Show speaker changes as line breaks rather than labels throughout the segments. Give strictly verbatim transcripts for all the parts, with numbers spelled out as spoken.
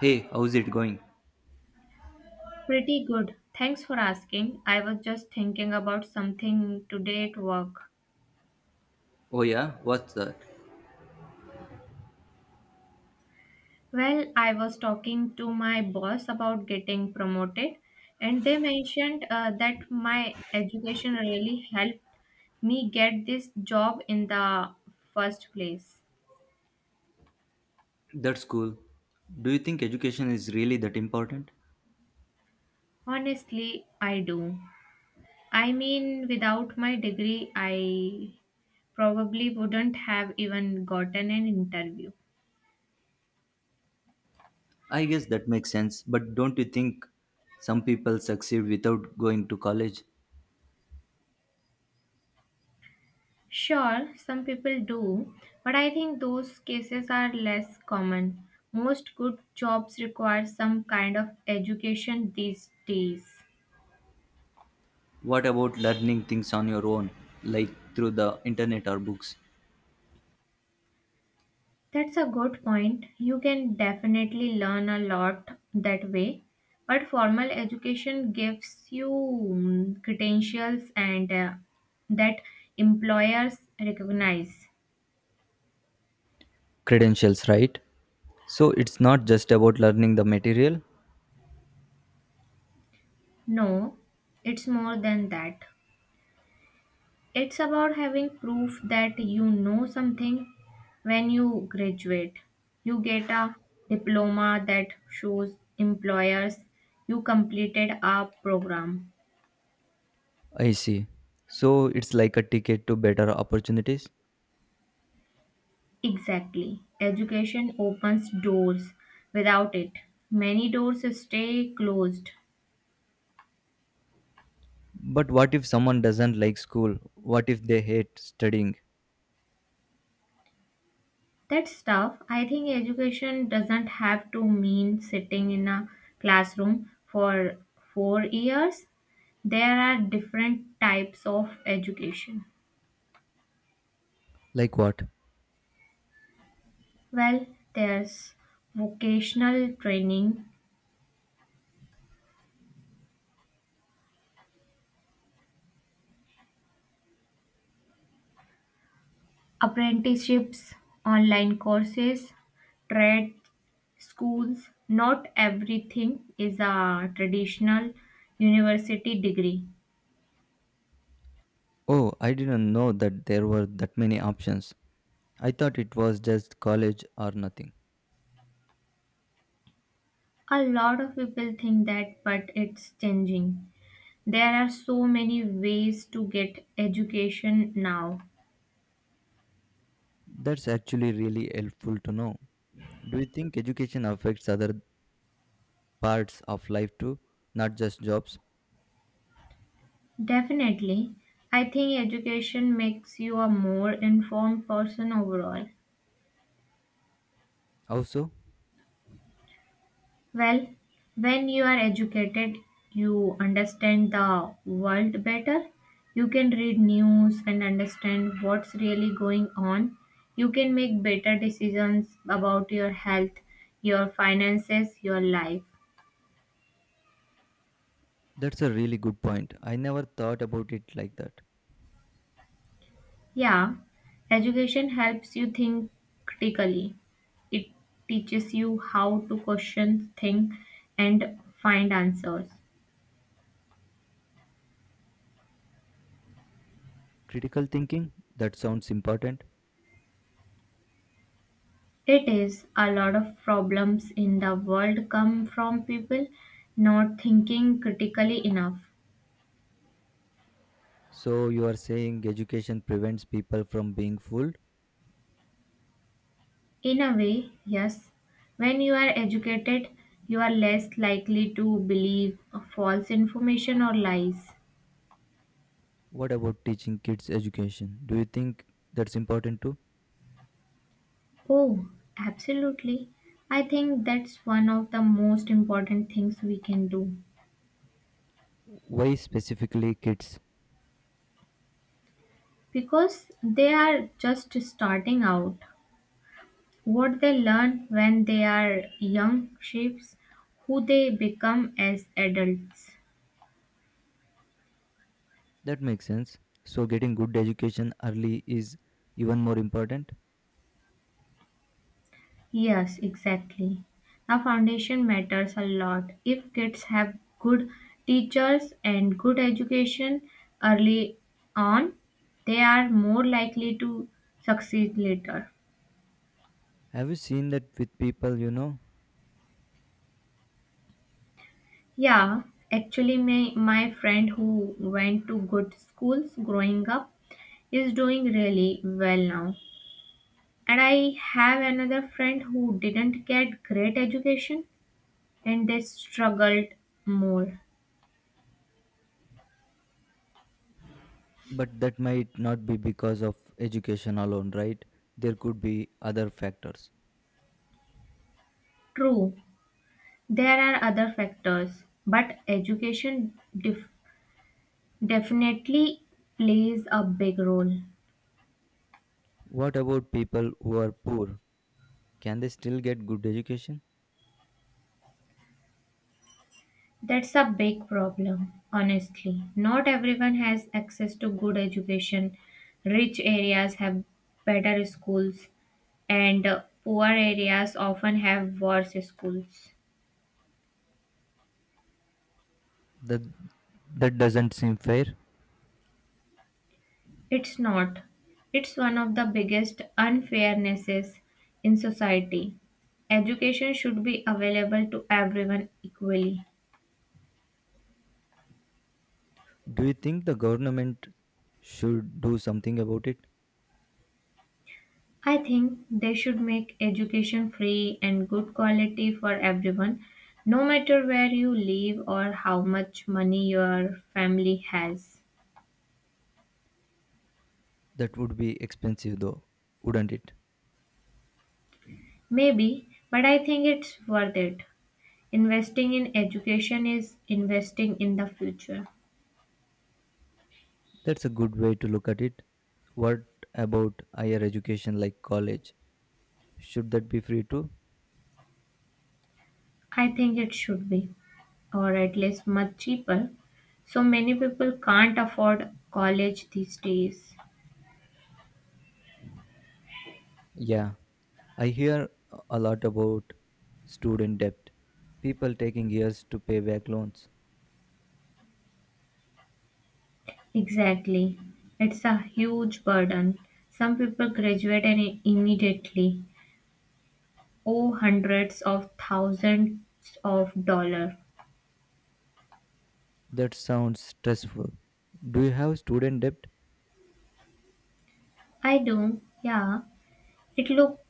Hey, how's it going?
Pretty good. Thanks for asking. I was just thinking about something today at work.
Oh, yeah, what's that?
Well, I was talking to my boss about getting promoted, and they mentioned uh, that my education really helped me get this job in the first place.
That's cool. Do you think education is really that important?
Honestly, I do. I mean, without my degree, I probably wouldn't have even gotten an interview.
I guess that makes sense, but don't you think some people succeed without going to college?
Sure, some people do, but I think those cases are less common. Most good jobs require some kind of education these days.
What about learning things on your own, like through the internet or books?
That's a good point. You can definitely learn a lot that way. But formal education gives you mm, credentials and uh, that employers recognize.
Credentials, right? So it's not just about learning the material?
No, it's more than that. It's about having proof that you know something. When you graduate, you get a diploma that shows employers you completed a program.
I see. So it's like a ticket to better opportunities?
Exactly. Education opens doors. Without it, many doors stay closed.
But what if someone doesn't like school? What if they hate studying?
That's tough. I think education doesn't have to mean sitting in a classroom for four years. There are different types of education.
Like what?
Well, there's vocational training, apprenticeships, online courses, trade schools. Not everything is a traditional university degree.
Oh, I didn't know that there were that many options. I thought it was just college or nothing.
A lot of people think that, but it's changing. There are so many ways to get education now.
That's actually really helpful to know. Do you think education affects other parts of life too, not just jobs?
Definitely. I think education makes you a more informed person overall.
Also,
Well, when you are educated, you understand the world better. You can read news and understand what's really going on. You can make better decisions about your health, your finances, your life.
that's a really good point. I never thought about it like that.
Yeah, education helps you think critically. It teaches you how to question, think, and find answers.
Critical thinking? That sounds important.
It is. A lot of problems in the world come from people not thinking critically enough.
So, you are saying education prevents people from being fooled?
In a way, yes. When you are educated, you are less likely to believe false information or lies.
What about teaching kids education? Do you think that's important too?
Oh, absolutely. I think that's one of the most important things we can do
Why specifically kids?
because they are just starting out. What they learn when they are young shapes who they become as adults.
That makes sense. So, getting good education early is even more important.
Yes, exactly. The foundation matters a lot. If kids have good teachers and good education early on, they are more likely to succeed later.
Have you seen that with people, you know?
Yeah, actually, my, my friend who went to good schools growing up is doing really well now. And I have another friend who didn't get great education and they struggled more.
But that might not be because of education alone, right? There could be other factors.
True, there are other factors, but education def- definitely plays a big role.
What about people who are poor? Can they still get good education?
That's a big problem, honestly. Not everyone has access to good education. Rich areas have better schools, and uh, poor areas often have worse schools.
That that doesn't seem fair.
It's not. It's one of the biggest unfairnesses in society. Education should be available to everyone equally.
Do you think the government should do something about it?
I think they should make education free and good quality for everyone, no matter where you live or how much money your family has.
That would be expensive though, wouldn't it?
Maybe, but I think it's worth it. Investing in education is investing in the future.
That's a good way to look at it. What about higher education like college? Should that be free too?
I think it should be, or at least much cheaper. So many people can't afford college these days.
Yeah, I hear a lot about student debt. People taking years to pay back loans.
Exactly. It's a huge burden. Some people graduate and i- immediately owe hundreds of thousands of dollars.
That sounds stressful. Do you have student debt?
I do, yeah. It look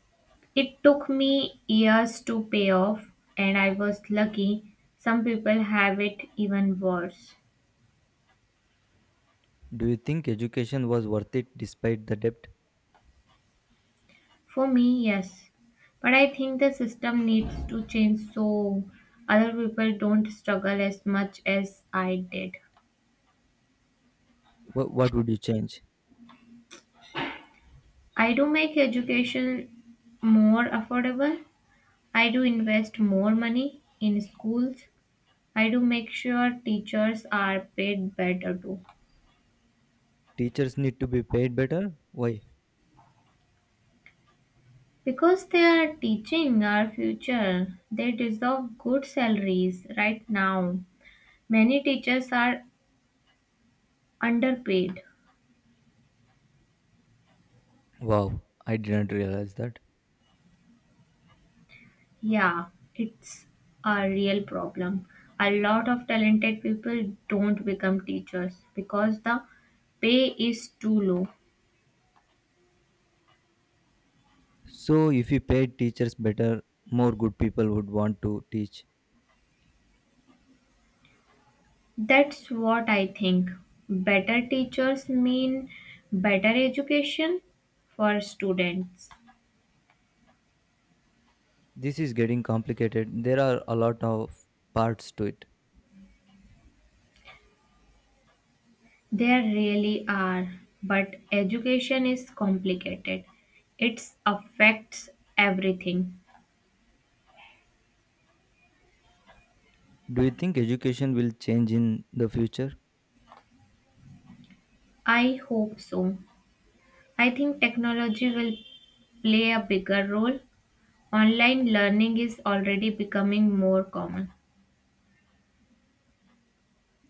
it took me years to pay off and I was lucky. Some people have it even worse.
Do you think education was worth it despite the debt?
For me, yes. But I think the system needs to change so other people don't struggle as much as I did.
Wh- what would you change?
I do make education more affordable. I do invest more money in schools. I do make sure teachers are paid better too.
Teachers need to be paid better? Why?
Because they are teaching our future, they deserve good salaries right now. Many teachers are underpaid.
Wow, I didn't realize that.
Yeah, it's a real problem. A lot of talented people don't become teachers because the pay is too low.
So, if you paid teachers better, more good people would want to teach.
That's what I think. Better teachers mean better education for students.
This is getting complicated. There are a lot of parts to it.
There really are, but education is complicated. It affects everything.
Do you think education will change in the future?
I hope so. I think technology will play a bigger role. Online learning is already becoming more common.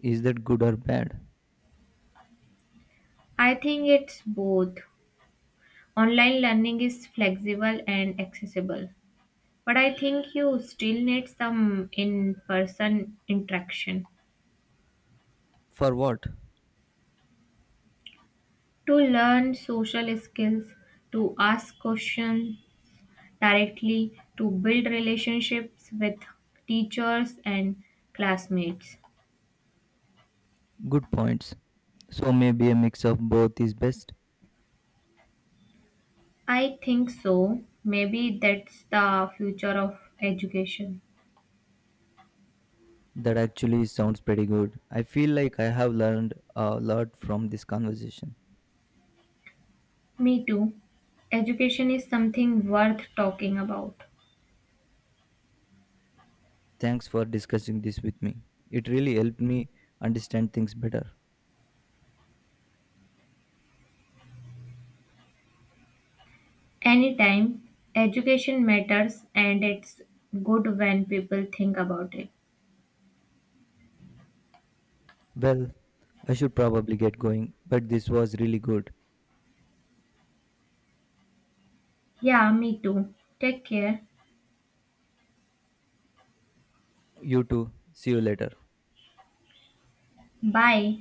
Is that good or bad?
I think it's both. Online learning is flexible and accessible, but I think you still need some in person interaction
For what?
to learn social skills, to ask questions directly, to build relationships with teachers and classmates.
Good points. So maybe a mix of both is best.
I think so. Maybe that's the future of education.
That actually sounds pretty good. I feel like I have learned a lot from this conversation.
Me too. Education is something worth talking about.
Thanks for discussing this with me. It really helped me understand things better.
Anytime, education matters and it's good when people think about it.
Well, I should probably get going, but this was really good.
Yeah, me too. Take care.
You too. See you later.
Bye.